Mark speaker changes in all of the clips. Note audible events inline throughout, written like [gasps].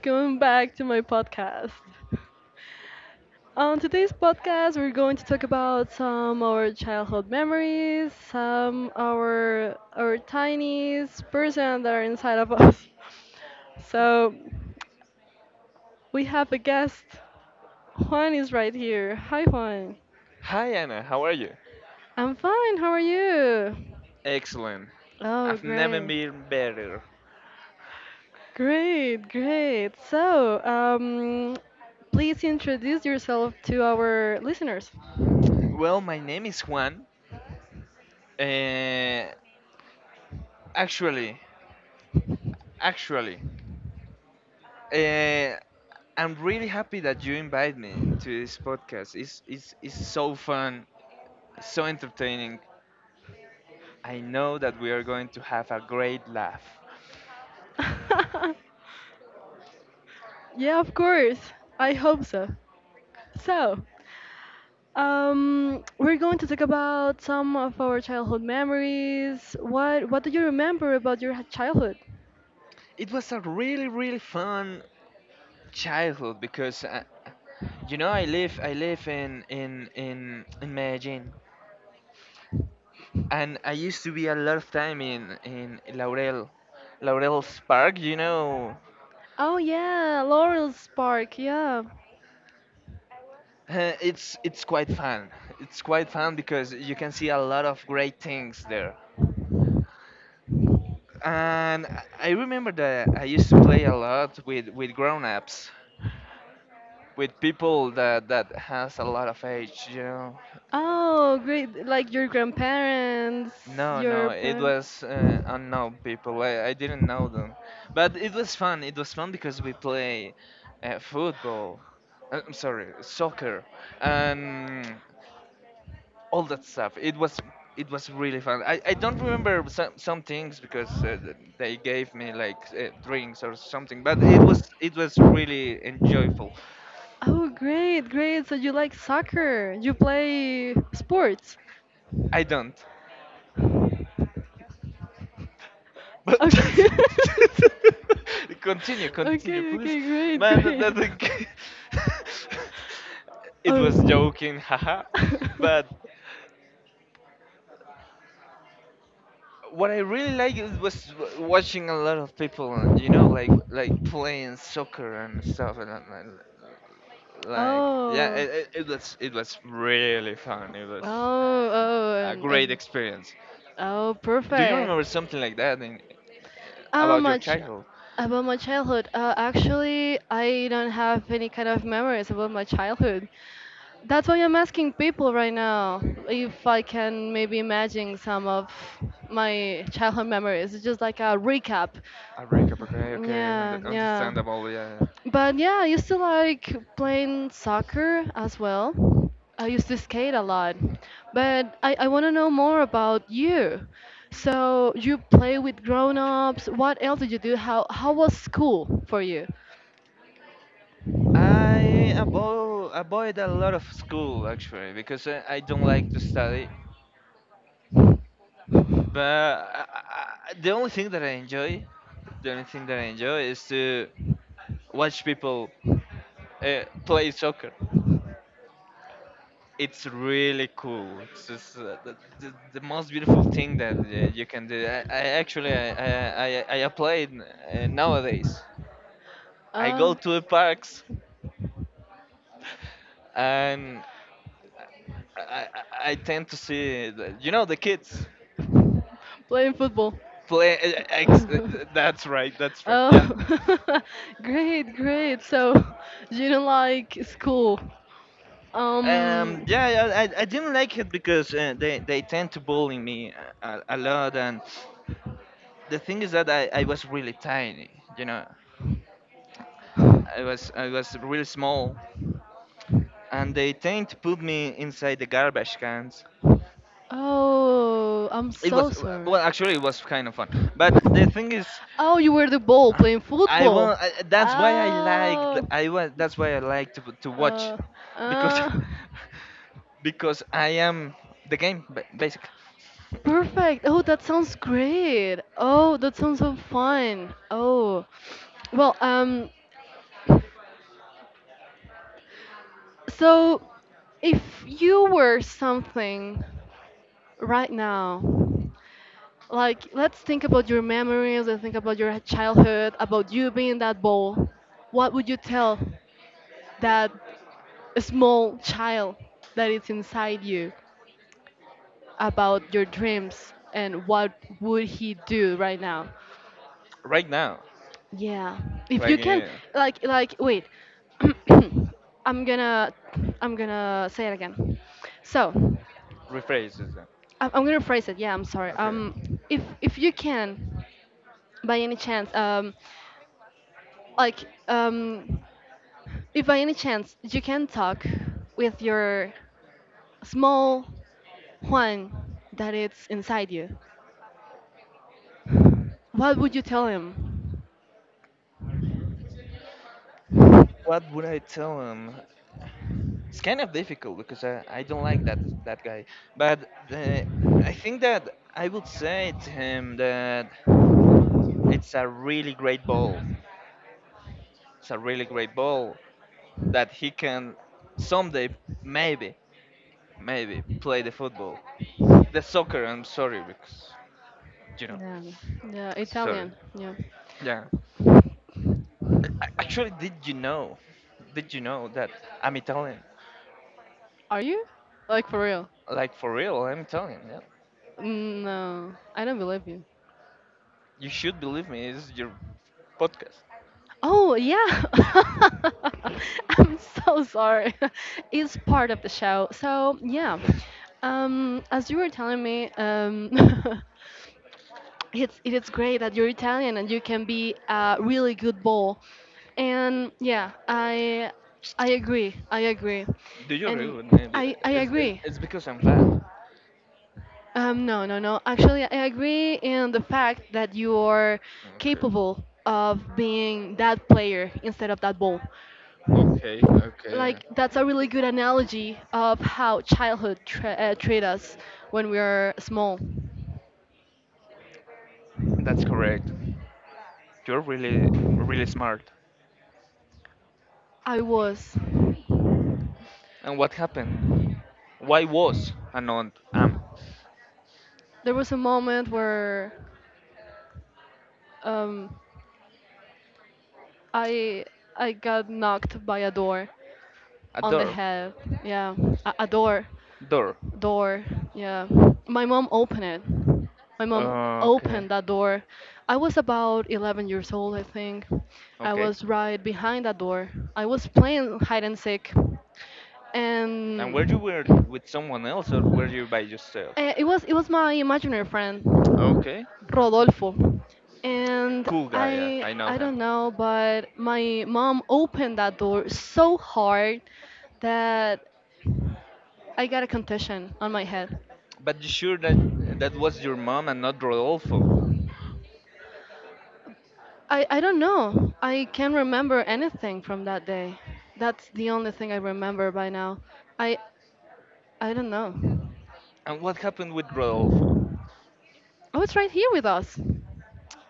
Speaker 1: welcome back to my podcast. On today's podcast, we're going to talk about some our childhood memories, some our tiniest person that are inside us. We have a guest. Juan is right here. Hi, Juan.
Speaker 2: Hi, Anna, how are you?
Speaker 1: I'm fine. How are you?
Speaker 2: Excellent.
Speaker 1: Oh,
Speaker 2: I've never
Speaker 1: great.
Speaker 2: been better.
Speaker 1: Great, great. So, please introduce yourself to our listeners.
Speaker 2: Well, my name is Juan. Uh, actually, actually, uh, I'm really happy that you invite me to this podcast. It's so fun, so entertaining. I know that we are going to have a great laugh.
Speaker 1: [laughs] Yeah, of course. I hope so. So, we're going to talk about some of our childhood memories. What do you remember about your childhood?
Speaker 2: It was a really, really fun childhood because I live in Medellin. And I used to be a lot of time in Laurel's Park. [laughs]
Speaker 1: Oh yeah, Laurel's Park. Yeah.
Speaker 2: It's quite fun. It's quite fun because you can see a lot of great things there. And I remember that I used to play a lot with grown-ups, with people that has a lot of age.
Speaker 1: Oh, great. Like your grandparents.
Speaker 2: No, no,
Speaker 1: Your
Speaker 2: it was unknown people. I didn't know them, but it was fun. It was fun because we play football. I'm sorry, soccer and all that stuff. It was really fun. I don't remember some things because they gave me like drinks or something, but it was really enjoyable.
Speaker 1: oh, great, great. So you like soccer? You play sports?
Speaker 2: I don't. But
Speaker 1: Okay.
Speaker 2: [laughs] continue,
Speaker 1: [laughs]
Speaker 2: continue,
Speaker 1: Okay.
Speaker 2: please,
Speaker 1: Okay. Great.
Speaker 2: man. That
Speaker 1: Great.
Speaker 2: that
Speaker 1: [laughs]
Speaker 2: thing. [laughs] It was
Speaker 1: Oh. [laughs]
Speaker 2: joking, haha. But what I really like is was watching a lot of people, like playing soccer and stuff, and, like, yeah,
Speaker 1: Oh.
Speaker 2: it was really fun. It was
Speaker 1: Oh, oh,
Speaker 2: a
Speaker 1: and,
Speaker 2: great
Speaker 1: and
Speaker 2: experience.
Speaker 1: oh,
Speaker 2: Do you remember
Speaker 1: perfect.
Speaker 2: something like that in,
Speaker 1: How
Speaker 2: about your
Speaker 1: much
Speaker 2: childhood?
Speaker 1: about my childhood? Actually, I don't have any kind of memories about my childhood. That's why I'm asking people right now if I can maybe imagine some of my childhood memories. It's just like a recap.
Speaker 2: A
Speaker 1: [sighs]
Speaker 2: breakup, okay, okay,
Speaker 1: Yeah,
Speaker 2: und-
Speaker 1: yeah.
Speaker 2: understandable, yeah. Yeah.
Speaker 1: But yeah, I used to like playing soccer as well. I used to skate a lot. But I want to know more about you. So you play with grown-ups. What else did you do? How was school for you?
Speaker 2: I avoid a lot of school, actually, because I don't like to study. But the only thing that I enjoy, is to watch people play soccer. It's really cool. It's just, the most beautiful thing that you can do. I actually I applied nowadays. I go
Speaker 1: Uh,
Speaker 2: to the parks and I tend to see the, you know the kids
Speaker 1: Playing football.
Speaker 2: play.
Speaker 1: [laughs]
Speaker 2: That's right. That's right. Yeah.
Speaker 1: Oh, [laughs] great, great. So [laughs] you don't like school. Um,
Speaker 2: Yeah. Yeah, I didn't like it because they tend to bully me a lot, and the thing is that I was really tiny. You know, I was really small, and they tend to put me inside the garbage cans.
Speaker 1: oh, I'm
Speaker 2: It
Speaker 1: so
Speaker 2: was,
Speaker 1: sorry.
Speaker 2: well, actually, it was kind of fun. But the thing is,
Speaker 1: Oh, you were the ball playing
Speaker 2: I
Speaker 1: football.
Speaker 2: want. That's why I like.
Speaker 1: Oh,
Speaker 2: I want. That's why I like to watch,
Speaker 1: uh,
Speaker 2: because
Speaker 1: uh,
Speaker 2: [laughs] because I am the game basically
Speaker 1: perfect. Oh, that sounds great. Oh, that sounds so fun. Oh, well, so if you were something right now, like, let's think about your memories and think about your childhood, about you being that ball. What would you tell that small child that is inside you about your dreams, and what would he do right now?
Speaker 2: [laughs] right now.
Speaker 1: Yeah. If
Speaker 2: Like,
Speaker 1: you can, wait. [coughs] [clears throat] I'm gonna, I'm gonna say it again. So,
Speaker 2: rephrase.
Speaker 1: I'm gonna phrase it. Yeah, I'm sorry.
Speaker 2: Okay.
Speaker 1: If you can, by any chance, like, um, if by any chance you can talk with your small Juan that it's inside you, what would you tell him?
Speaker 2: What would I tell him? It's kind of difficult because I don't like that guy. But I think that I would say to him that it's a really great ball. It's a really great ball that he can someday maybe maybe play the football, the soccer. I'm sorry, because you know,
Speaker 1: Yeah,
Speaker 2: sorry.
Speaker 1: Italian. Yeah.
Speaker 2: Yeah. Actually, did you know? Did you know that I'm Italian?
Speaker 1: Are you? Like for real?
Speaker 2: Like, for real, I'm Italian. Yeah.
Speaker 1: No, I don't believe you.
Speaker 2: You should believe me. It's your podcast.
Speaker 1: Oh yeah. [laughs] I'm so sorry. [laughs] It's part of the show. So yeah. As you were telling me, [laughs] it's great that you're Italian and you can be a really good ball. And yeah, I agree. I agree.
Speaker 2: Do you agree with me? Be-
Speaker 1: I
Speaker 2: It's, it's
Speaker 1: agree.
Speaker 2: it's because I'm fat.
Speaker 1: No, no, no. Actually, I agree in the fact that you are
Speaker 2: Okay.
Speaker 1: capable of being that player instead of that ball.
Speaker 2: Okay. Okay. Yeah.
Speaker 1: Like, that's a really good analogy of how childhood treat us when we are small.
Speaker 2: That's correct. You're really, really smart.
Speaker 1: I was.
Speaker 2: And what happened? Why was and not am
Speaker 1: There was a moment where um, I I got knocked by a door
Speaker 2: a
Speaker 1: on the
Speaker 2: door?
Speaker 1: head. Yeah, a, a door,
Speaker 2: Door.
Speaker 1: door. Yeah, my mom opened it. My
Speaker 2: Okay.
Speaker 1: opened that door. I was about 11 years old, I think. I
Speaker 2: Okay.
Speaker 1: was right behind that door. I was playing hide and seek,
Speaker 2: And were
Speaker 1: and
Speaker 2: you were with someone else, or were you by yourself?
Speaker 1: it was my imaginary friend,
Speaker 2: Okay, okay.
Speaker 1: Rodolfo. And
Speaker 2: Cool guy, yeah,
Speaker 1: I
Speaker 2: I know
Speaker 1: I
Speaker 2: him.
Speaker 1: don't know, but my mom opened that door so hard that I got a concussion on my head.
Speaker 2: But you sure that was your mom and not Rodolfo?
Speaker 1: I don't know. I can't remember anything from that day. That's the only thing I remember by now. I I don't know.
Speaker 2: And what happened with Rodolfo?
Speaker 1: Oh, it's right here with us.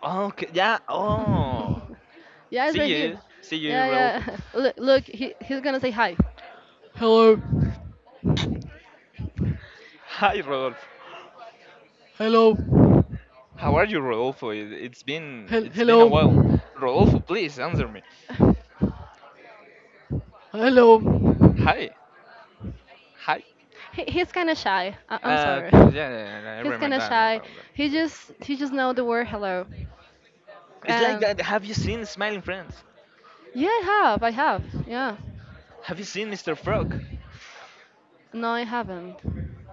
Speaker 2: Okay, yeah, oh.
Speaker 1: [laughs] Yeah, it's right here.
Speaker 2: See you,
Speaker 1: Yeah,
Speaker 2: Rodolfo.
Speaker 1: yeah. [laughs] Look, he's gonna say hi. Hello,
Speaker 2: Hi, Rodolfo.
Speaker 1: hello,
Speaker 2: How are you, Rodolfo? It- It's been it's been a
Speaker 1: hello,
Speaker 2: while. Rodolfo, please answer me.
Speaker 1: hello.
Speaker 2: Hi, hi.
Speaker 1: He's kind of shy. I'm
Speaker 2: Uh,
Speaker 1: sorry.
Speaker 2: okay, yeah, yeah, yeah, I
Speaker 1: [laughs] He's kind
Speaker 2: remember
Speaker 1: of
Speaker 2: that
Speaker 1: shy.
Speaker 2: about
Speaker 1: He
Speaker 2: that.
Speaker 1: just he just know the word hello.
Speaker 2: It's like
Speaker 1: Um,
Speaker 2: that. Have you seen Smiling Friends?
Speaker 1: Yeah, I have. I have. Yeah.
Speaker 2: Have you seen Mr. Frog?
Speaker 1: No, I haven't.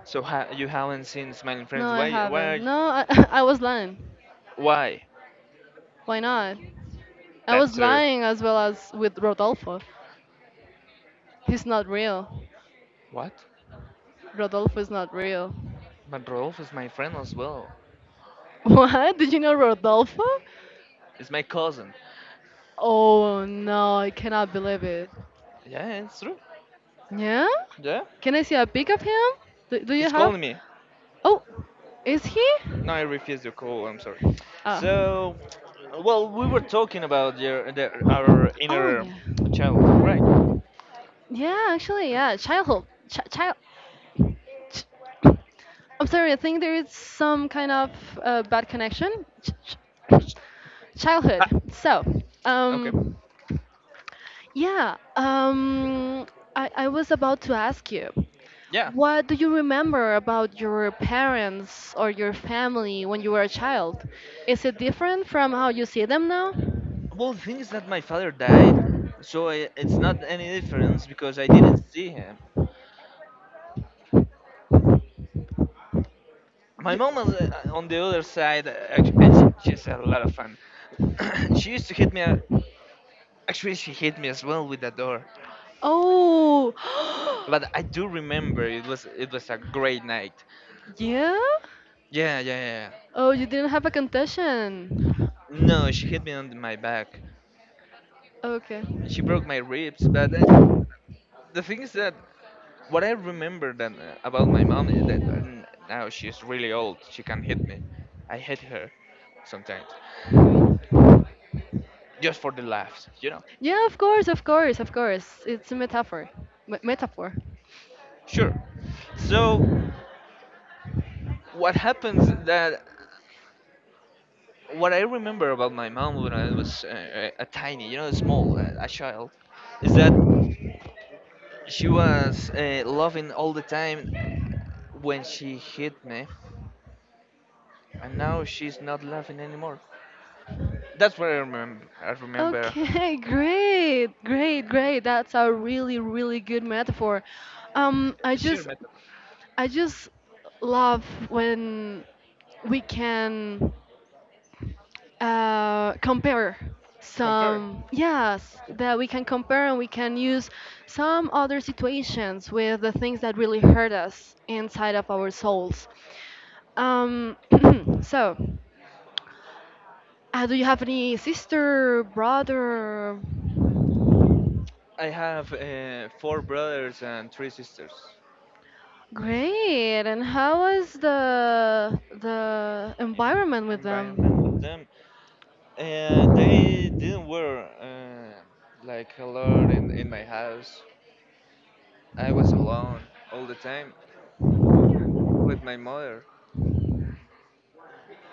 Speaker 2: So you haven't seen Smiling
Speaker 1: No,
Speaker 2: Friends.
Speaker 1: I
Speaker 2: Why? Why?
Speaker 1: haven't. No, I, [laughs] I was lying.
Speaker 2: Why?
Speaker 1: Why not? I was
Speaker 2: That's true.
Speaker 1: lying as well as with Rodolfo. He's not real.
Speaker 2: What?
Speaker 1: Rodolfo is not real.
Speaker 2: But Rolf is my friend as well.
Speaker 1: [laughs] What? Did you know Rodolfo?
Speaker 2: He's my cousin.
Speaker 1: Oh no, I cannot believe it.
Speaker 2: Yeah, it's true.
Speaker 1: Yeah?
Speaker 2: Yeah.
Speaker 1: Can I see a pic of him? Do you
Speaker 2: He's
Speaker 1: have?
Speaker 2: calling me.
Speaker 1: Oh, is he?
Speaker 2: No, I refuse to call. I'm sorry.
Speaker 1: Oh.
Speaker 2: So, well, we were talking about our
Speaker 1: Oh
Speaker 2: inner
Speaker 1: yeah.
Speaker 2: child, right?
Speaker 1: Yeah, actually, yeah. Childhood. Child. I'm sorry, I think there is some kind of bad connection. Ch- ch- [coughs] Childhood.
Speaker 2: Ha!
Speaker 1: So,
Speaker 2: Okay.
Speaker 1: um, yeah, I was about to ask you,
Speaker 2: Yeah.
Speaker 1: what do you remember about your parents or your family when you were a child? Is it different from how you see them now?
Speaker 2: Well, the thing is that my father died, so it's not any difference because I didn't see him. My mom was on the other side. She's a lot of fun. [coughs] [clears throat] She used to hit me. Actually, she hit me as well with the door.
Speaker 1: Oh,
Speaker 2: But I do remember it was a great night.
Speaker 1: [gasps] yeah?
Speaker 2: Yeah, yeah, yeah. Yeah.
Speaker 1: Oh, you didn't have a concussion.
Speaker 2: No, she hit me on my back.
Speaker 1: Okay.
Speaker 2: She broke my ribs. But the thing is that what I remember then about my mom is that now she's really old. She can hit me. I hit her sometimes just for the laughs.
Speaker 1: Yeah, of course, of course, of course. It's a metaphor. Metaphor.
Speaker 2: Sure. So what happens, that what I remember about my mom when I was a tiny, small, a child, is that she was laughing all the time when she hit me, and now she's not laughing anymore. That's what I remember. I remember.
Speaker 1: Okay, [laughs] great, great, great. That's a really, really good metaphor. Um, I
Speaker 2: Sheer
Speaker 1: just,
Speaker 2: metaphor.
Speaker 1: I just love when we can compare
Speaker 2: Compare.
Speaker 1: some, yes,
Speaker 2: Okay.
Speaker 1: that we can compare, and we can use some other situations with the things that really hurt us inside of our souls. Um, [clears throat] so, do you have any sister, brother.
Speaker 2: I have four brothers and three sisters.
Speaker 1: Great. And how was the
Speaker 2: In
Speaker 1: environment with
Speaker 2: environment with
Speaker 1: them?
Speaker 2: them, they didn't wear like a lot in my house. I was alone all the time with my mother.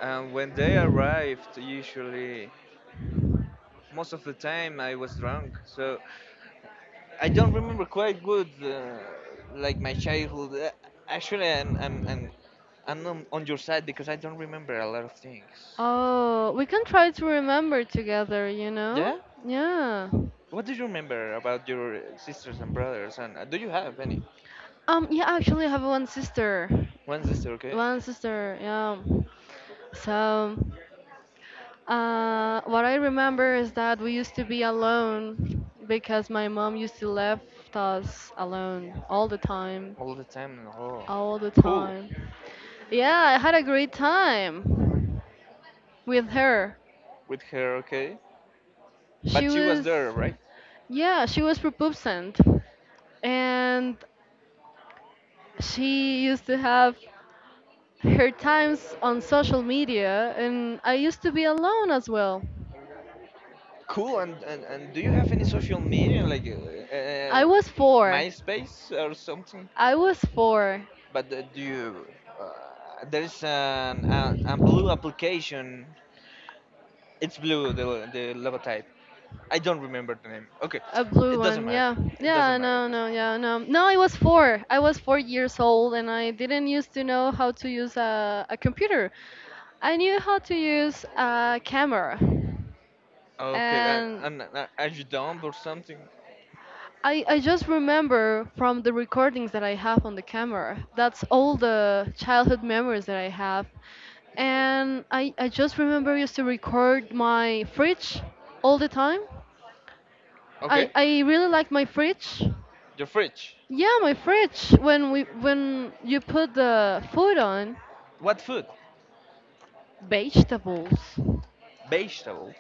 Speaker 2: And when they arrived, usually, most of the time, I was drunk. So I don't remember quite good, like, my childhood. Actually, I'm on your side because I don't remember a lot of things.
Speaker 1: Oh, we can try to remember together, you know?
Speaker 2: Yeah?
Speaker 1: Yeah.
Speaker 2: What do you remember about your sisters and brothers? And do you have any?
Speaker 1: Yeah, actually I have one sister.
Speaker 2: One sister, okay?
Speaker 1: One sister, yeah. So, what I remember is that we used to be alone because my mom used to left us alone all the time,
Speaker 2: All the time. Oh,
Speaker 1: all the
Speaker 2: cool
Speaker 1: time. Yeah, I had a great time with her.
Speaker 2: with her, okay? But she was there, right?
Speaker 1: Yeah, she was prepubescent, and she used to have her times on social media, and I used to be alone as well.
Speaker 2: Cool. And do you have any social media? Like,
Speaker 1: I was four.
Speaker 2: MySpace or something.
Speaker 1: I was four.
Speaker 2: But there's a blue application. It's blue, the logotype. I don't remember the name. Okay,
Speaker 1: A blue
Speaker 2: it doesn't
Speaker 1: one,
Speaker 2: matter.
Speaker 1: yeah.
Speaker 2: It doesn't
Speaker 1: Yeah,
Speaker 2: matter. It
Speaker 1: no,
Speaker 2: doesn't
Speaker 1: no,
Speaker 2: matter.
Speaker 1: yeah, no. No, I was four. I was 4 years old, and I didn't used to know how to use a computer. I knew how to use a camera,
Speaker 2: Okay,
Speaker 1: and
Speaker 2: are you dumb or something?
Speaker 1: I just remember from the recordings that I have on the camera. That's all the childhood memories that I have. And I just remember I used to record my fridge all the time. I,
Speaker 2: Okay,
Speaker 1: I really like my fridge.
Speaker 2: your fridge.
Speaker 1: Yeah, my fridge. When you put the food on,
Speaker 2: What food?
Speaker 1: vegetables,
Speaker 2: Vegetables.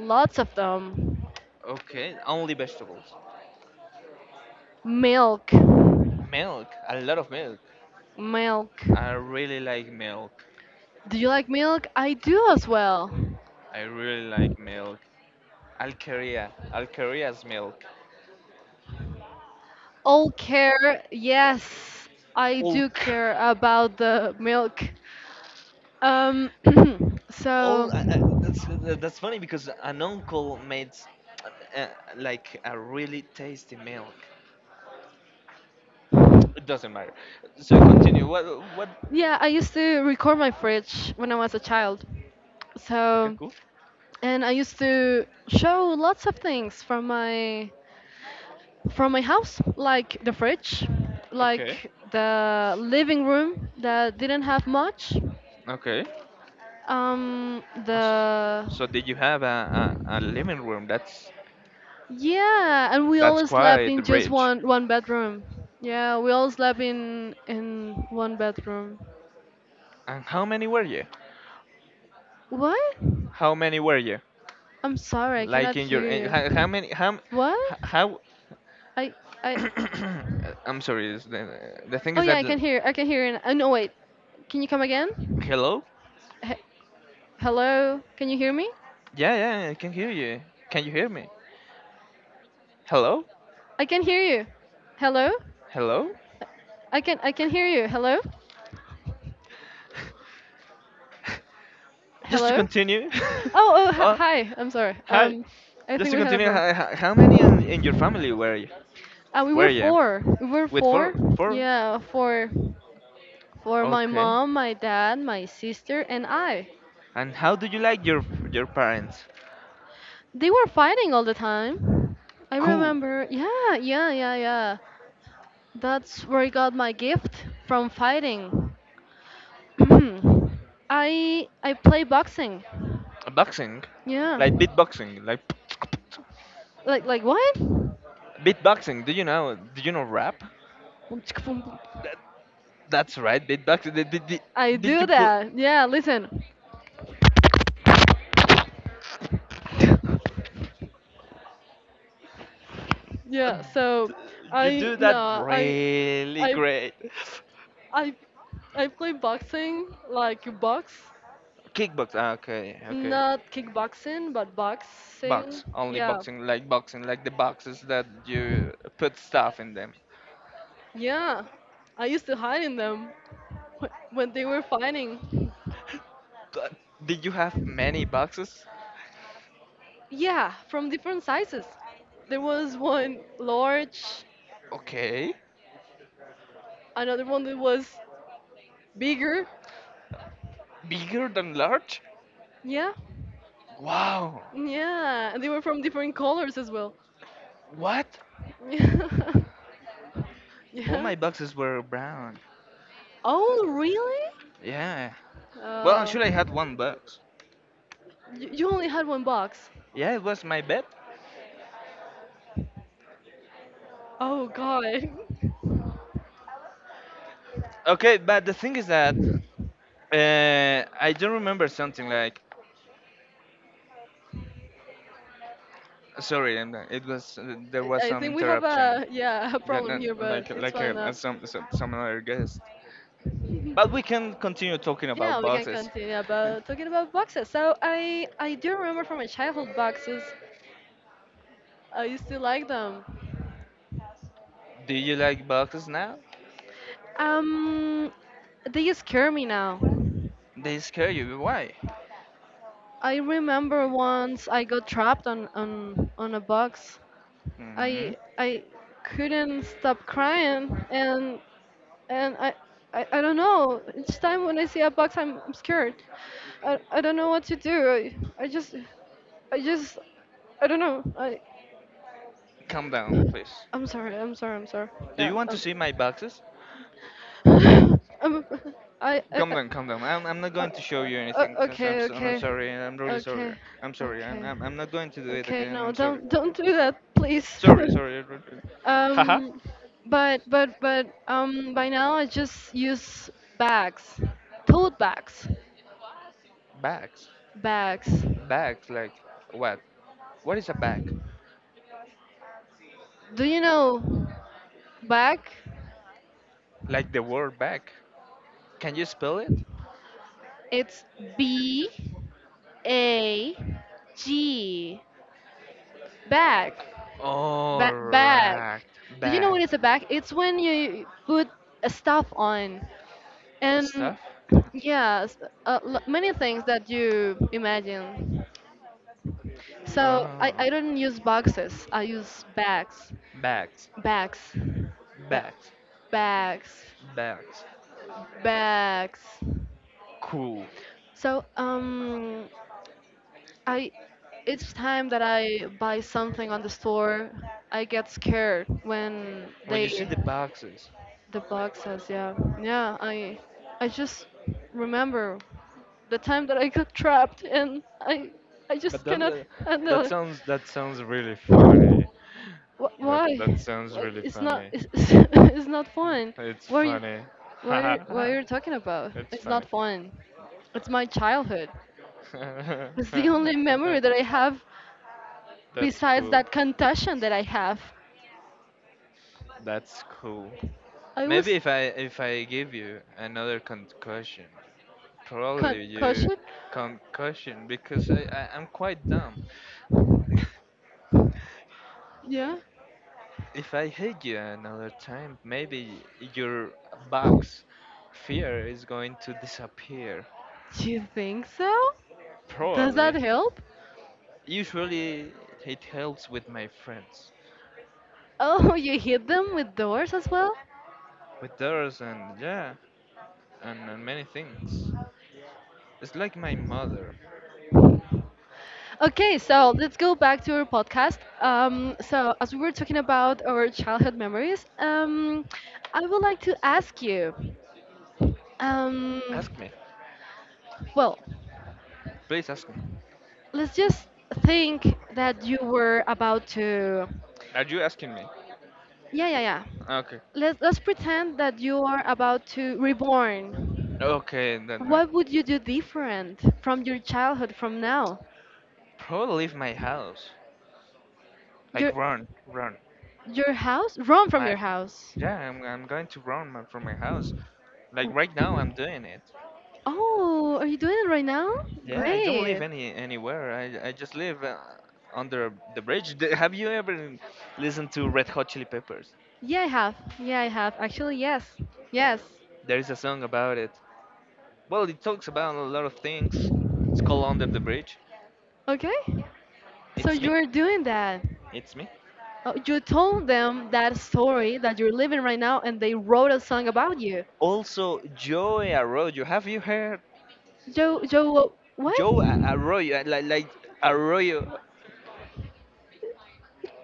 Speaker 1: lots of them,
Speaker 2: Okay, only vegetables.
Speaker 1: milk,
Speaker 2: Milk. A lot of milk.
Speaker 1: milk.
Speaker 2: I really like milk.
Speaker 1: Do you like milk? I do as well.
Speaker 2: I really like milk. Alqueria. Alqueria's milk.
Speaker 1: All care. Yes, I do
Speaker 2: Ulk.
Speaker 1: care
Speaker 2: [laughs]
Speaker 1: about the milk. um [clears throat] so
Speaker 2: all I, I, that's that's funny, because an uncle made uh, like, a really tasty milk. It doesn't matter. So continue. What?
Speaker 1: yeah, I used to record my fridge when I was a child,
Speaker 2: Okay,
Speaker 1: so
Speaker 2: cool.
Speaker 1: and I used to show lots of things from my house, like the fridge,
Speaker 2: Okay.
Speaker 1: like the living room that didn't have much,
Speaker 2: Okay. Awes-
Speaker 1: the
Speaker 2: So did you have a living room? That's
Speaker 1: Yeah, and we
Speaker 2: that's
Speaker 1: all slept
Speaker 2: quite
Speaker 1: in just
Speaker 2: rich.
Speaker 1: one bedroom. Yeah, we all slept in one bedroom.
Speaker 2: And how many were you?
Speaker 1: What?
Speaker 2: How many were you?
Speaker 1: I'm sorry, I
Speaker 2: Like,
Speaker 1: cannot hear
Speaker 2: how
Speaker 1: you.
Speaker 2: many how m-
Speaker 1: What?
Speaker 2: h- how?
Speaker 1: I I
Speaker 2: [coughs] I'm sorry. Is the thing
Speaker 1: Oh
Speaker 2: is
Speaker 1: yeah,
Speaker 2: that
Speaker 1: I can
Speaker 2: l-
Speaker 1: hear. I can hear you. Oh no, wait. Can you come again?
Speaker 2: hello.
Speaker 1: He- Hello? Can you hear me?
Speaker 2: Yeah, yeah, I can hear you. Can you hear me? Hello.
Speaker 1: I can hear you. Hello?
Speaker 2: Hello?
Speaker 1: I can hear you. Hello?
Speaker 2: Just to
Speaker 1: Hello?
Speaker 2: continue.
Speaker 1: Oh, oh,
Speaker 2: [laughs]
Speaker 1: hi.
Speaker 2: Oh,
Speaker 1: Hi, I'm sorry.
Speaker 2: hi.
Speaker 1: I
Speaker 2: Just
Speaker 1: think
Speaker 2: to
Speaker 1: we had a
Speaker 2: continue,
Speaker 1: problem.
Speaker 2: how many in your family were you?
Speaker 1: We
Speaker 2: Were
Speaker 1: were
Speaker 2: you?
Speaker 1: four. We were
Speaker 2: With
Speaker 1: four.
Speaker 2: four? Four?
Speaker 1: Yeah, for my
Speaker 2: Okay.
Speaker 1: mom, my dad, my sister, and I.
Speaker 2: And how do you like your parents?
Speaker 1: They were fighting all the time. I
Speaker 2: Cool.
Speaker 1: remember. Yeah, yeah, yeah, yeah. That's where I got my gift from fighting. [clears throat] I play boxing.
Speaker 2: Boxing?
Speaker 1: Yeah.
Speaker 2: Like beatboxing? Like
Speaker 1: Like what?
Speaker 2: beatboxing? Do you know? Do you know rap? That, that's right, beatboxing. Did, did, did,
Speaker 1: I
Speaker 2: did
Speaker 1: do
Speaker 2: you put?
Speaker 1: that. Yeah. Listen. Yeah. So
Speaker 2: You
Speaker 1: I
Speaker 2: do that
Speaker 1: no I.
Speaker 2: really
Speaker 1: I
Speaker 2: great.
Speaker 1: I I play boxing, like you box,
Speaker 2: Kickbox. Okay. Okay.
Speaker 1: not kickboxing, but boxing.
Speaker 2: Box, only
Speaker 1: Yeah,
Speaker 2: boxing, like the boxes that you put stuff in them.
Speaker 1: yeah. I used to hide in them [laughs] when they were fighting.
Speaker 2: Th- Did you have many boxes?
Speaker 1: Yeah, from different sizes. There was one large,
Speaker 2: Okay.
Speaker 1: another one that was bigger.
Speaker 2: Bigger than large?
Speaker 1: Yeah,
Speaker 2: Wow.
Speaker 1: yeah. And they were from different colors as well.
Speaker 2: What?
Speaker 1: [laughs] Yeah,
Speaker 2: All
Speaker 1: yeah.
Speaker 2: my boxes were brown.
Speaker 1: Oh, really?
Speaker 2: Yeah. Well,
Speaker 1: Uh,
Speaker 2: actually, I had one box.
Speaker 1: you only had one box.
Speaker 2: Yeah, it was my bed.
Speaker 1: Oh God. [laughs]
Speaker 2: Okay, but the thing is that I do remember something like. Sorry, it was there was
Speaker 1: I
Speaker 2: some
Speaker 1: think we have
Speaker 2: interruption.
Speaker 1: a yeah [laughs] a
Speaker 2: Yeah,
Speaker 1: problem
Speaker 2: no,
Speaker 1: here, but
Speaker 2: like
Speaker 1: it's
Speaker 2: like
Speaker 1: fine now.
Speaker 2: some other guest. But we can continue talking about
Speaker 1: Yeah, we can
Speaker 2: boxes.
Speaker 1: continue about talking about boxes. So I do remember from my childhood boxes. I used to like them.
Speaker 2: Do you like boxes now?
Speaker 1: Um, they scare me now.
Speaker 2: They scare you. Why?
Speaker 1: I remember once I got trapped on a box.
Speaker 2: hmm
Speaker 1: I couldn't stop crying, and I don't know. Each time when I see a box, I'm scared. I don't know what to do. I, I just, I just, I don't know. I,
Speaker 2: Calm down, please.
Speaker 1: I'm sorry. I'm sorry. I'm sorry.
Speaker 2: Do
Speaker 1: Yeah.
Speaker 2: you want to see my boxes?
Speaker 1: [laughs] Um.
Speaker 2: Calm
Speaker 1: I
Speaker 2: down, calm down. I'm not
Speaker 1: uh,
Speaker 2: going to show you anything. Because
Speaker 1: okay.
Speaker 2: I'm
Speaker 1: Okay.
Speaker 2: sorry. I'm really sorry.
Speaker 1: Okay.
Speaker 2: I'm sorry. I'm,
Speaker 1: Okay.
Speaker 2: I'm, I'm not going to do it
Speaker 1: Okay.
Speaker 2: again.
Speaker 1: No,
Speaker 2: I'm sorry.
Speaker 1: don't do that, please.
Speaker 2: Sorry,
Speaker 1: [laughs]
Speaker 2: sorry. Haha.
Speaker 1: Um, but by now I just use bags, tote bags,
Speaker 2: Bags.
Speaker 1: bags.
Speaker 2: Bags, like what? What is a bag?
Speaker 1: Do you know bag?
Speaker 2: Like the word bag. Can you spell it?
Speaker 1: It's B A G bag, bag.
Speaker 2: Alright.
Speaker 1: Do you know
Speaker 2: Bag.
Speaker 1: what is a bag? It's when you put a stuff on, and
Speaker 2: Stuff?
Speaker 1: yes, many things that you imagine. So I,
Speaker 2: Ah,
Speaker 1: I don't use boxes. I use bags.
Speaker 2: bags,
Speaker 1: bags ba-
Speaker 2: bags,
Speaker 1: bags
Speaker 2: bags.
Speaker 1: bags
Speaker 2: Cool.
Speaker 1: so I each time that I buy something on the store, I get scared when
Speaker 2: When
Speaker 1: they
Speaker 2: you see the boxes,
Speaker 1: the boxes. Yeah, yeah, I just remember the time that I got trapped, and I
Speaker 2: but
Speaker 1: just cannot handle
Speaker 2: that
Speaker 1: it.
Speaker 2: sounds that sounds really funny. That
Speaker 1: Why?
Speaker 2: that sounds really
Speaker 1: It's not.
Speaker 2: funny.
Speaker 1: It's, [laughs] It's not fun.
Speaker 2: It's
Speaker 1: What are you?
Speaker 2: funny.
Speaker 1: What are you, what
Speaker 2: [laughs]
Speaker 1: are you talking about?
Speaker 2: It's
Speaker 1: It's not
Speaker 2: funny.
Speaker 1: fun. It's my childhood.
Speaker 2: [laughs]
Speaker 1: It's the only memory that I have
Speaker 2: That's
Speaker 1: besides
Speaker 2: cool.
Speaker 1: that concussion that I have.
Speaker 2: That's cool.
Speaker 1: I was
Speaker 2: Maybe if I give you another concussion, probably you
Speaker 1: concussion?
Speaker 2: concussion, because I'm quite dumb.
Speaker 1: Yeah.
Speaker 2: If I hate you another time, maybe your box fear is going to disappear.
Speaker 1: Do you think so? Does that
Speaker 2: Probably.
Speaker 1: help?
Speaker 2: Usually, it helps with my friends,
Speaker 1: Oh, [laughs] you hit them with doors as well?
Speaker 2: with theirs, and yeah, and many things. It's like my mother.
Speaker 1: Okay, so let's go back to our podcast. As we were talking about our childhood memories, I would like to ask you um,
Speaker 2: Ask me.
Speaker 1: well,
Speaker 2: Please ask me.
Speaker 1: let's just think that you were about to.
Speaker 2: Are you asking me?
Speaker 1: Yeah, yeah, yeah.
Speaker 2: Okay.
Speaker 1: Let's pretend that you are about to reborn.
Speaker 2: Okay, then.
Speaker 1: What would you do different from your childhood from now?
Speaker 2: Probably leave my house. Like,
Speaker 1: Your,
Speaker 2: run, run.
Speaker 1: your house? Run from
Speaker 2: My
Speaker 1: your house.
Speaker 2: yeah, I'm going to run from my house. Like, right now, I'm doing it.
Speaker 1: Oh, are you doing it right now?
Speaker 2: Yeah, I don't live
Speaker 1: Great.
Speaker 2: anywhere. I just live under the bridge. Have you ever listened to Red Hot Chili Peppers?
Speaker 1: Yeah, I have. Yeah, I have. Actually, yes. Yes.
Speaker 2: There is a song about it. Well, it talks about a lot of things. It's called Under the Bridge.
Speaker 1: Okay. So
Speaker 2: It's me.
Speaker 1: you're doing that.
Speaker 2: It's me.
Speaker 1: Oh, you told them that story that you're living right now, and they wrote a song about you.
Speaker 2: Also, Joey Arroyo. Have you heard
Speaker 1: Joe, Joe, what?
Speaker 2: Arroyo? Like, Arroyo.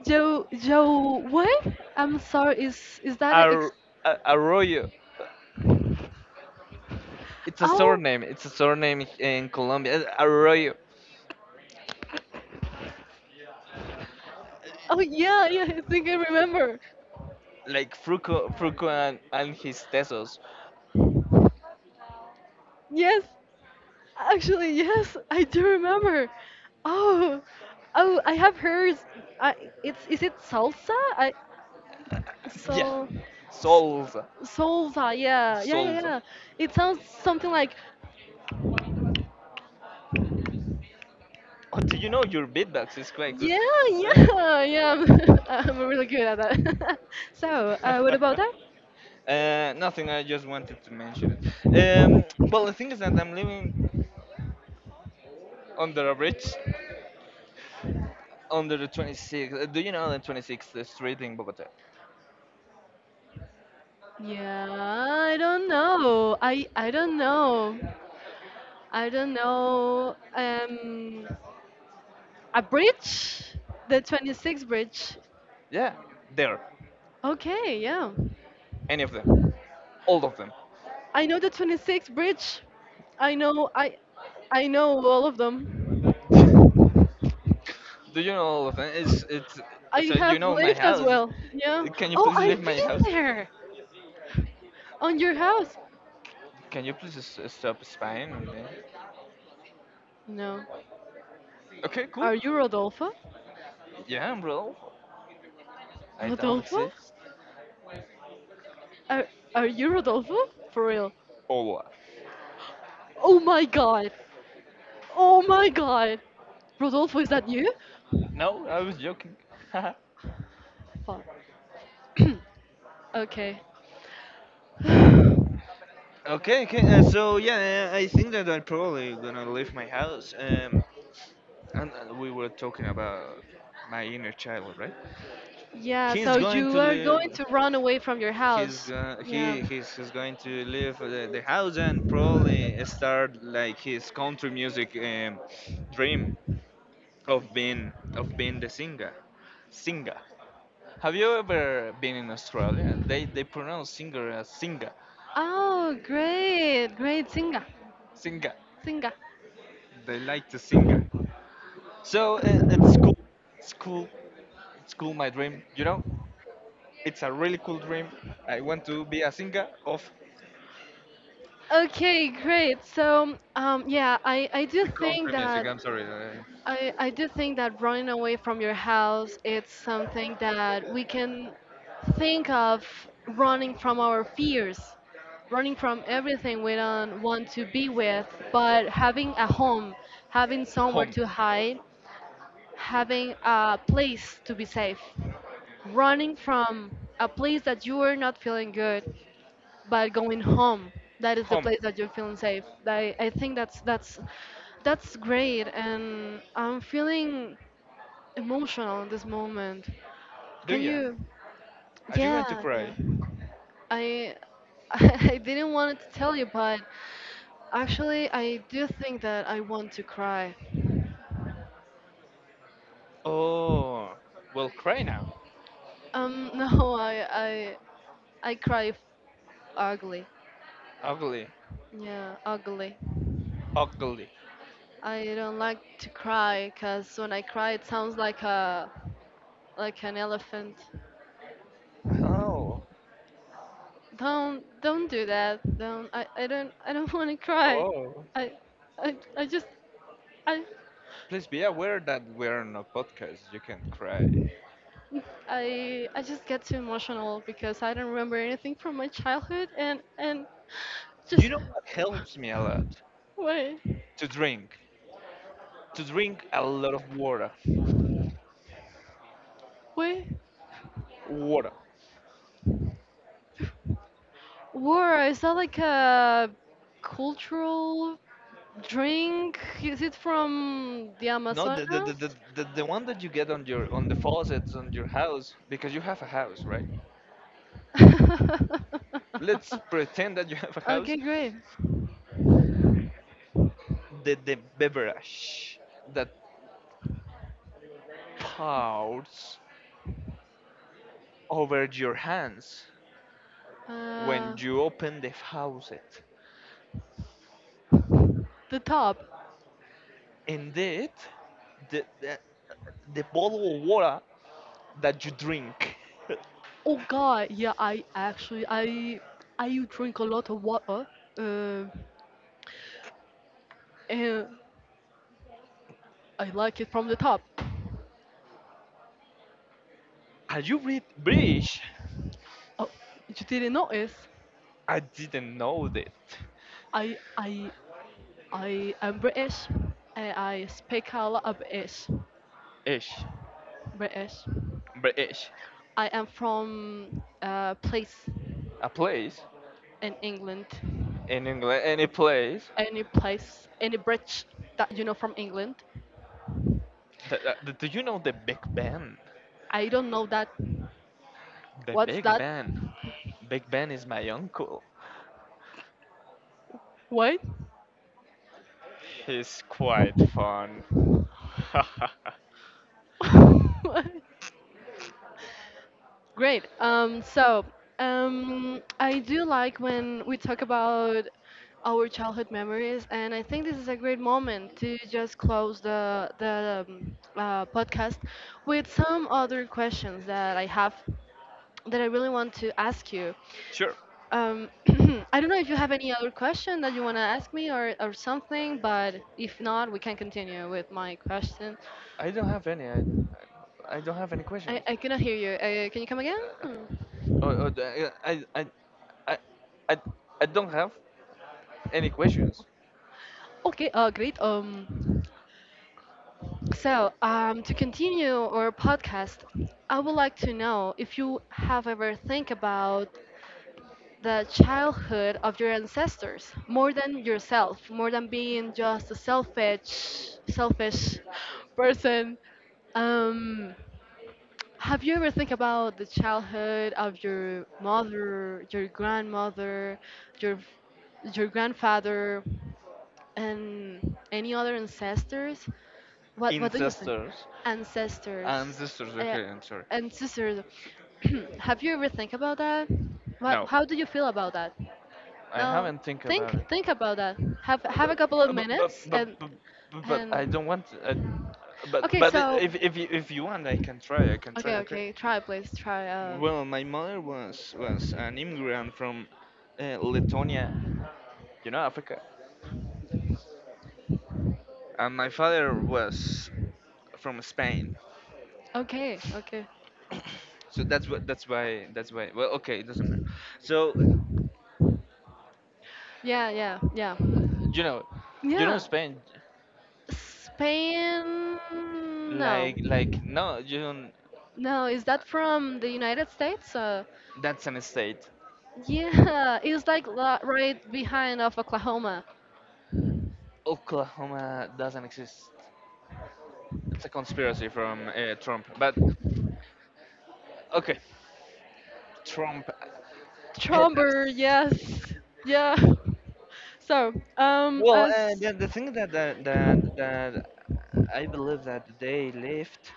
Speaker 1: Joe, Joe, what? I'm sorry. Is that a,
Speaker 2: Ar- Arroyo. It's a
Speaker 1: oh,
Speaker 2: surname. It's a surname in Colombia. Arroyo.
Speaker 1: oh yeah, yeah. I think I remember.
Speaker 2: Like Fruco and his Tesos.
Speaker 1: Yes, actually, yes, I do remember. Oh, oh, I have heard. I, it's is it salsa?
Speaker 2: Yeah,
Speaker 1: So, s-
Speaker 2: solve,
Speaker 1: Solva, yeah, yeah, yeah,
Speaker 2: solve.
Speaker 1: yeah. It sounds something like,
Speaker 2: Oh, do you know your beatbox is quite good?
Speaker 1: yeah,
Speaker 2: [laughs]
Speaker 1: yeah, [laughs] yeah. [laughs] I'm really good at that. [laughs] So, what about that?
Speaker 2: Nothing. I just wanted to mention it. Well, the thing is that I'm living under a bridge, under the 26th. Do you know the 26th street in Bogota?
Speaker 1: Yeah, I don't know. I don't know. I don't know. A bridge? The 26 bridge.
Speaker 2: Yeah, there.
Speaker 1: Okay, yeah.
Speaker 2: Any of them, all of them.
Speaker 1: I know the 26 bridge. I know I I know all of them.
Speaker 2: [laughs] Do you know all of them? It's it's.
Speaker 1: I
Speaker 2: So you
Speaker 1: have
Speaker 2: know my
Speaker 1: lived as
Speaker 2: house.
Speaker 1: well. Yeah.
Speaker 2: Can you
Speaker 1: Oh,
Speaker 2: please leave
Speaker 1: I've
Speaker 2: my house?
Speaker 1: been on your house.
Speaker 2: Can you please stop spying on me?
Speaker 1: No.
Speaker 2: Okay, cool.
Speaker 1: Are you Rodolfo?
Speaker 2: Yeah, bro. I don't
Speaker 1: Rodolfo?
Speaker 2: exist?
Speaker 1: Are, are you Rodolfo? For real.
Speaker 2: Or what?
Speaker 1: Oh my god. Oh my god. Rodolfo, is that you?
Speaker 2: No, I was joking. [laughs]
Speaker 1: Fuck. [clears throat] Okay. [sighs]
Speaker 2: Okay, okay. So yeah, I think that I'm probably gonna leave my house. And we were talking about my inner child, right?
Speaker 1: Yeah,
Speaker 2: He's
Speaker 1: so
Speaker 2: going
Speaker 1: you
Speaker 2: to
Speaker 1: are going
Speaker 2: leave.
Speaker 1: to run away from your
Speaker 2: He's
Speaker 1: house.
Speaker 2: going.
Speaker 1: Yeah.
Speaker 2: He's going to leave the house and probably start like his country music dream of being the singer. Singer. Have you ever been in Australia? They pronounce singer as singer.
Speaker 1: Oh, great. Great. Singa.
Speaker 2: Singer.
Speaker 1: Singa.
Speaker 2: They like to sing. So it's cool. It's cool. It's cool. My dream. You know, it's a really cool dream. I want to be a singer of
Speaker 1: Okay, great. So, yeah, I do
Speaker 2: the
Speaker 1: think
Speaker 2: country music,
Speaker 1: that
Speaker 2: I'm sorry.
Speaker 1: I do think that running away from your house it's something that we can think of running from our fears, running from everything we don't want to be with, but having a home, having somewhere
Speaker 2: Home.
Speaker 1: to hide, having a place to be safe. Running from a place that you are not feeling good, but going home, that is the
Speaker 2: Home.
Speaker 1: place that you're feeling safe. I think that's great and I'm feeling emotional in this moment.
Speaker 2: Do
Speaker 1: Can
Speaker 2: ya?
Speaker 1: you?
Speaker 2: Are you
Speaker 1: Yeah,
Speaker 2: going to
Speaker 1: yeah.
Speaker 2: cry?
Speaker 1: I [laughs] I didn't want to tell you, but actually, I do think that I want to cry.
Speaker 2: Oh, well, cry now.
Speaker 1: [laughs] No, I cry ugly.
Speaker 2: Ugly.
Speaker 1: Yeah, ugly.
Speaker 2: Ugly.
Speaker 1: I don't like to cry because when I cry, it sounds like a like an elephant.
Speaker 2: Oh.
Speaker 1: Don't do that. Don't I don't [laughs] want to cry.
Speaker 2: Oh.
Speaker 1: I I just I
Speaker 2: Please be aware that we're on a podcast. You can't cry.
Speaker 1: I just get too emotional because I don't remember anything from my childhood and
Speaker 2: You
Speaker 1: just
Speaker 2: know what helps me a lot?
Speaker 1: wait
Speaker 2: To drink. To drink a lot of water.
Speaker 1: wait,
Speaker 2: Water.
Speaker 1: war is that like a cultural drink? Is it from the
Speaker 2: No, the the, the,
Speaker 1: Amazonas?
Speaker 2: the the the one that you get on your on the faucets on your house because you have a house, right?
Speaker 1: [laughs]
Speaker 2: Let's pretend that you have a
Speaker 1: Okay,
Speaker 2: house.
Speaker 1: great.
Speaker 2: The beverage that pours over your hands when
Speaker 1: Uh,
Speaker 2: you open the faucet.
Speaker 1: the top.
Speaker 2: Indeed, the the, the bottle of water that you drink.
Speaker 1: Oh God, yeah. I Actually, I drink a lot of water. Uh, and I like it from the top.
Speaker 2: [laughs] Are you read British?
Speaker 1: Oh, you didn't notice?
Speaker 2: I didn't know that.
Speaker 1: I I I am British and I speak a lot of British.
Speaker 2: Ish,
Speaker 1: British.
Speaker 2: British,
Speaker 1: I am from a place
Speaker 2: a place
Speaker 1: in England.
Speaker 2: in England, any place.
Speaker 1: Any place, any bridge that you know from England.
Speaker 2: Do you know the Big Ben?
Speaker 1: I don't know that.
Speaker 2: The
Speaker 1: What's
Speaker 2: Big
Speaker 1: that?
Speaker 2: Ben. Big Ben is my uncle.
Speaker 1: What?
Speaker 2: He's quite fun. [laughs]
Speaker 1: [laughs] Great. So I do like when we talk about our childhood memories, and I think this is a great moment to just close the podcast with some other questions that I have that I really want to ask you.
Speaker 2: Sure.
Speaker 1: Um, [clears throat] I don't know if you have any other question that you want to ask me or something, but if not, we can continue with my question.
Speaker 2: I don't have any. I don't have any
Speaker 1: I,
Speaker 2: questions.
Speaker 1: I cannot hear you. Can you come again?
Speaker 2: Oh, oh, I, I, I don't have any questions.
Speaker 1: Okay, great. To continue our podcast, I would like to know if you have ever think about the childhood of your ancestors more than yourself, more than being just a selfish person. Um, have you ever think about the childhood of your mother, your grandmother, your your grandfather, and any other ancestors? What do you think?
Speaker 2: Ancestors,
Speaker 1: Ancestors,
Speaker 2: ancestors.
Speaker 1: uh,
Speaker 2: Okay, I'm sorry.
Speaker 1: ancestors. [clears throat] Have you ever think about that? What
Speaker 2: No,
Speaker 1: how do you feel about that?
Speaker 2: I
Speaker 1: Now
Speaker 2: haven't think about it.
Speaker 1: think about that.
Speaker 2: But,
Speaker 1: Have a couple of
Speaker 2: but,
Speaker 1: minutes
Speaker 2: but, but,
Speaker 1: and
Speaker 2: but, but I
Speaker 1: and
Speaker 2: don't want. I,
Speaker 1: okay
Speaker 2: but
Speaker 1: so
Speaker 2: if you want, I can try. I can try. Okay.
Speaker 1: okay try please try.
Speaker 2: Well, my mother was an immigrant from Lithuania, Africa, and my father was from Spain.
Speaker 1: Okay, okay.
Speaker 2: So that's why. Well, okay, it doesn't matter. So
Speaker 1: Yeah, yeah, yeah.
Speaker 2: you know, you know
Speaker 1: Yeah,
Speaker 2: Spain,
Speaker 1: Spain. No,
Speaker 2: like no, you don't.
Speaker 1: no. Is that from the United States?
Speaker 2: That's an state.
Speaker 1: Yeah, it's like right behind of Oklahoma.
Speaker 2: Oklahoma doesn't exist. It's a conspiracy from Trump. But okay, Trump petas.
Speaker 1: Tromber. Yes. Yeah. So,
Speaker 2: Well,
Speaker 1: as
Speaker 2: the thing that I believe that they left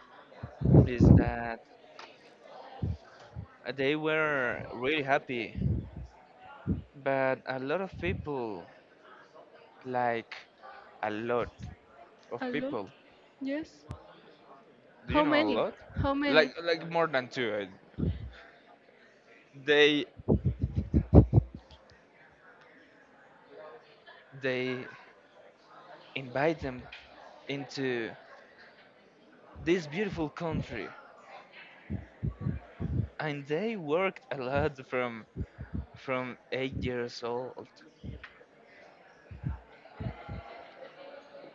Speaker 2: is that they were really happy, but a lot of people, like a lot of
Speaker 1: a lot,
Speaker 2: people,
Speaker 1: yes.
Speaker 2: do you
Speaker 1: How
Speaker 2: know a
Speaker 1: many?
Speaker 2: lot?
Speaker 1: How
Speaker 2: Like
Speaker 1: many?
Speaker 2: like more than two. They they invite them into this beautiful country, and they worked a lot from 8 years old.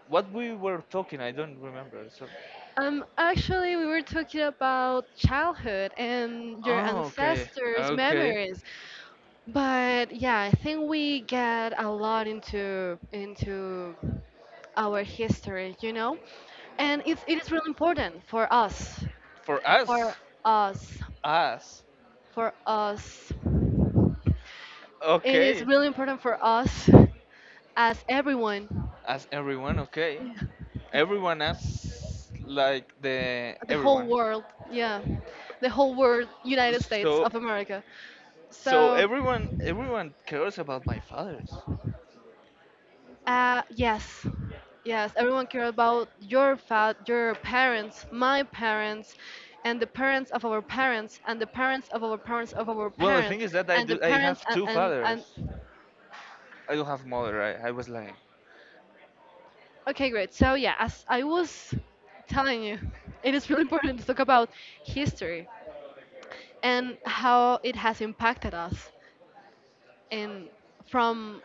Speaker 2: What we were talking, I don't remember. So,
Speaker 1: Actually, we were talking about childhood and your
Speaker 2: oh, okay,
Speaker 1: ancestors'
Speaker 2: okay,
Speaker 1: memories. But yeah, I think we get a lot into our history, you know, and it is really important for us,
Speaker 2: for
Speaker 1: for
Speaker 2: us
Speaker 1: us,
Speaker 2: us
Speaker 1: for us. It is
Speaker 2: okay,
Speaker 1: really important for us as everyone,
Speaker 2: as everyone, okay. Everyone asks, like, the
Speaker 1: the whole
Speaker 2: everyone.
Speaker 1: world, yeah, the whole world, United States
Speaker 2: So
Speaker 1: of America.
Speaker 2: so
Speaker 1: So
Speaker 2: everyone cares about my fathers.
Speaker 1: uh, yes. Yes, everyone cares about your your parents, my parents, and the parents of our parents, and the parents of our parents of our
Speaker 2: Well, the thing
Speaker 1: parents,
Speaker 2: is that I
Speaker 1: and the
Speaker 2: do I
Speaker 1: parents
Speaker 2: have
Speaker 1: and
Speaker 2: two fathers. I don't have mother. I was like
Speaker 1: okay, great. So yeah, as I was telling you, it is really important to talk about history and how it has impacted us in from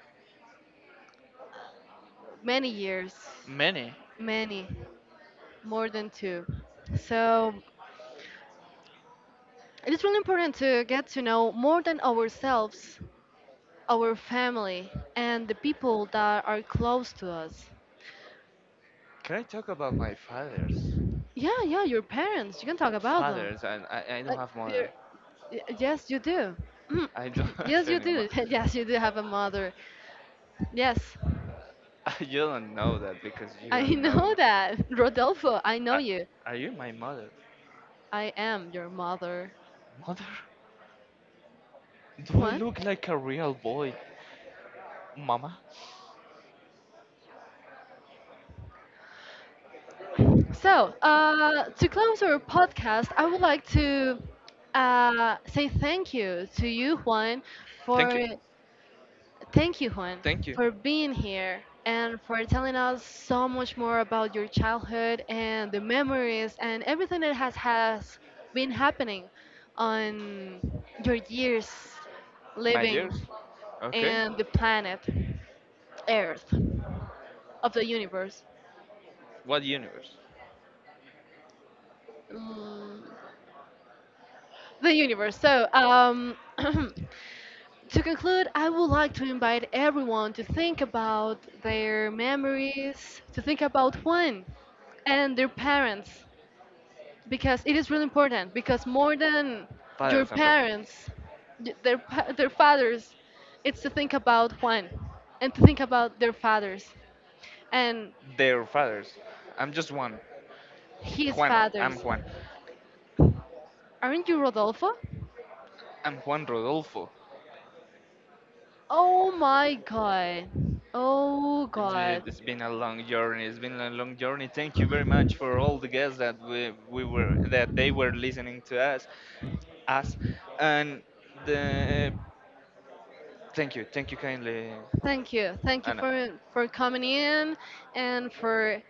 Speaker 1: many years,
Speaker 2: many.
Speaker 1: many more than two. So it is really important to get to know more than ourselves, our family, and the people that are close to us.
Speaker 2: Can I talk about my fathers?
Speaker 1: Yeah, yeah, your parents. You can talk about them.
Speaker 2: Fathers and I don't
Speaker 1: Like,
Speaker 2: have mother.
Speaker 1: your, yes, you do. Mm.
Speaker 2: I don't [laughs]
Speaker 1: [clears throat]
Speaker 2: have
Speaker 1: Yes, you
Speaker 2: any
Speaker 1: do. [laughs] Yes, you do have a mother. Yes,
Speaker 2: [laughs] You don't know that because you
Speaker 1: I
Speaker 2: don't know
Speaker 1: know
Speaker 2: me.
Speaker 1: that, [laughs] Rodolfo. I know
Speaker 2: I,
Speaker 1: you.
Speaker 2: are you my mother?
Speaker 1: I am your mother.
Speaker 2: Mother? Do I
Speaker 1: What?
Speaker 2: look like a real boy? Mama?
Speaker 1: So, to close our podcast, I would like to say thank you to you, Juan,
Speaker 2: Thank
Speaker 1: for
Speaker 2: you.
Speaker 1: thank you, Juan,
Speaker 2: Thank you.
Speaker 1: being here and for telling us so much more about your childhood and the memories and everything that has been happening on your years
Speaker 2: My years?
Speaker 1: living
Speaker 2: Okay.
Speaker 1: in the planet Earth of the universe.
Speaker 2: What universe?
Speaker 1: Mm, the universe. So, [clears throat] to conclude, I would like to invite everyone to think about their memories, to think about one and their parents, because it is really important. Because more than your
Speaker 2: Fathers, I'm sorry.
Speaker 1: parents, their fathers, it's to think about Juan and to think about their fathers. And
Speaker 2: Their fathers. I'm just one.
Speaker 1: he's
Speaker 2: Juan. I'm Juan.
Speaker 1: aren't you Rodolfo?
Speaker 2: I'm Juan Rodolfo.
Speaker 1: Oh my God! Oh
Speaker 2: It's been,
Speaker 1: God!
Speaker 2: it's been a long journey. It's been a long journey. Thank you very much for all the guests that we were that they were listening to us, and the thank you kindly,
Speaker 1: Thank you. Thank you
Speaker 2: Anna.
Speaker 1: for coming in and for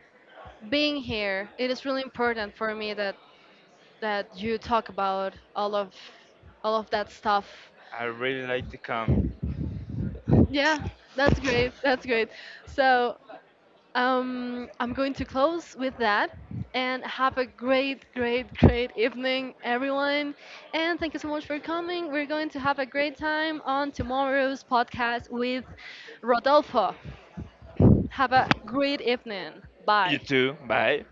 Speaker 1: being here. It is really important for me that you talk about all of that stuff.
Speaker 2: I really like to come.
Speaker 1: Yeah, that's great. That's great. So, um, I'm going to close with that and have a great, great evening everyone. And thank you so much for coming. We're going to have a great time on tomorrow's podcast with Rodolfo. Have a great evening. Bye.
Speaker 2: You too. Bye.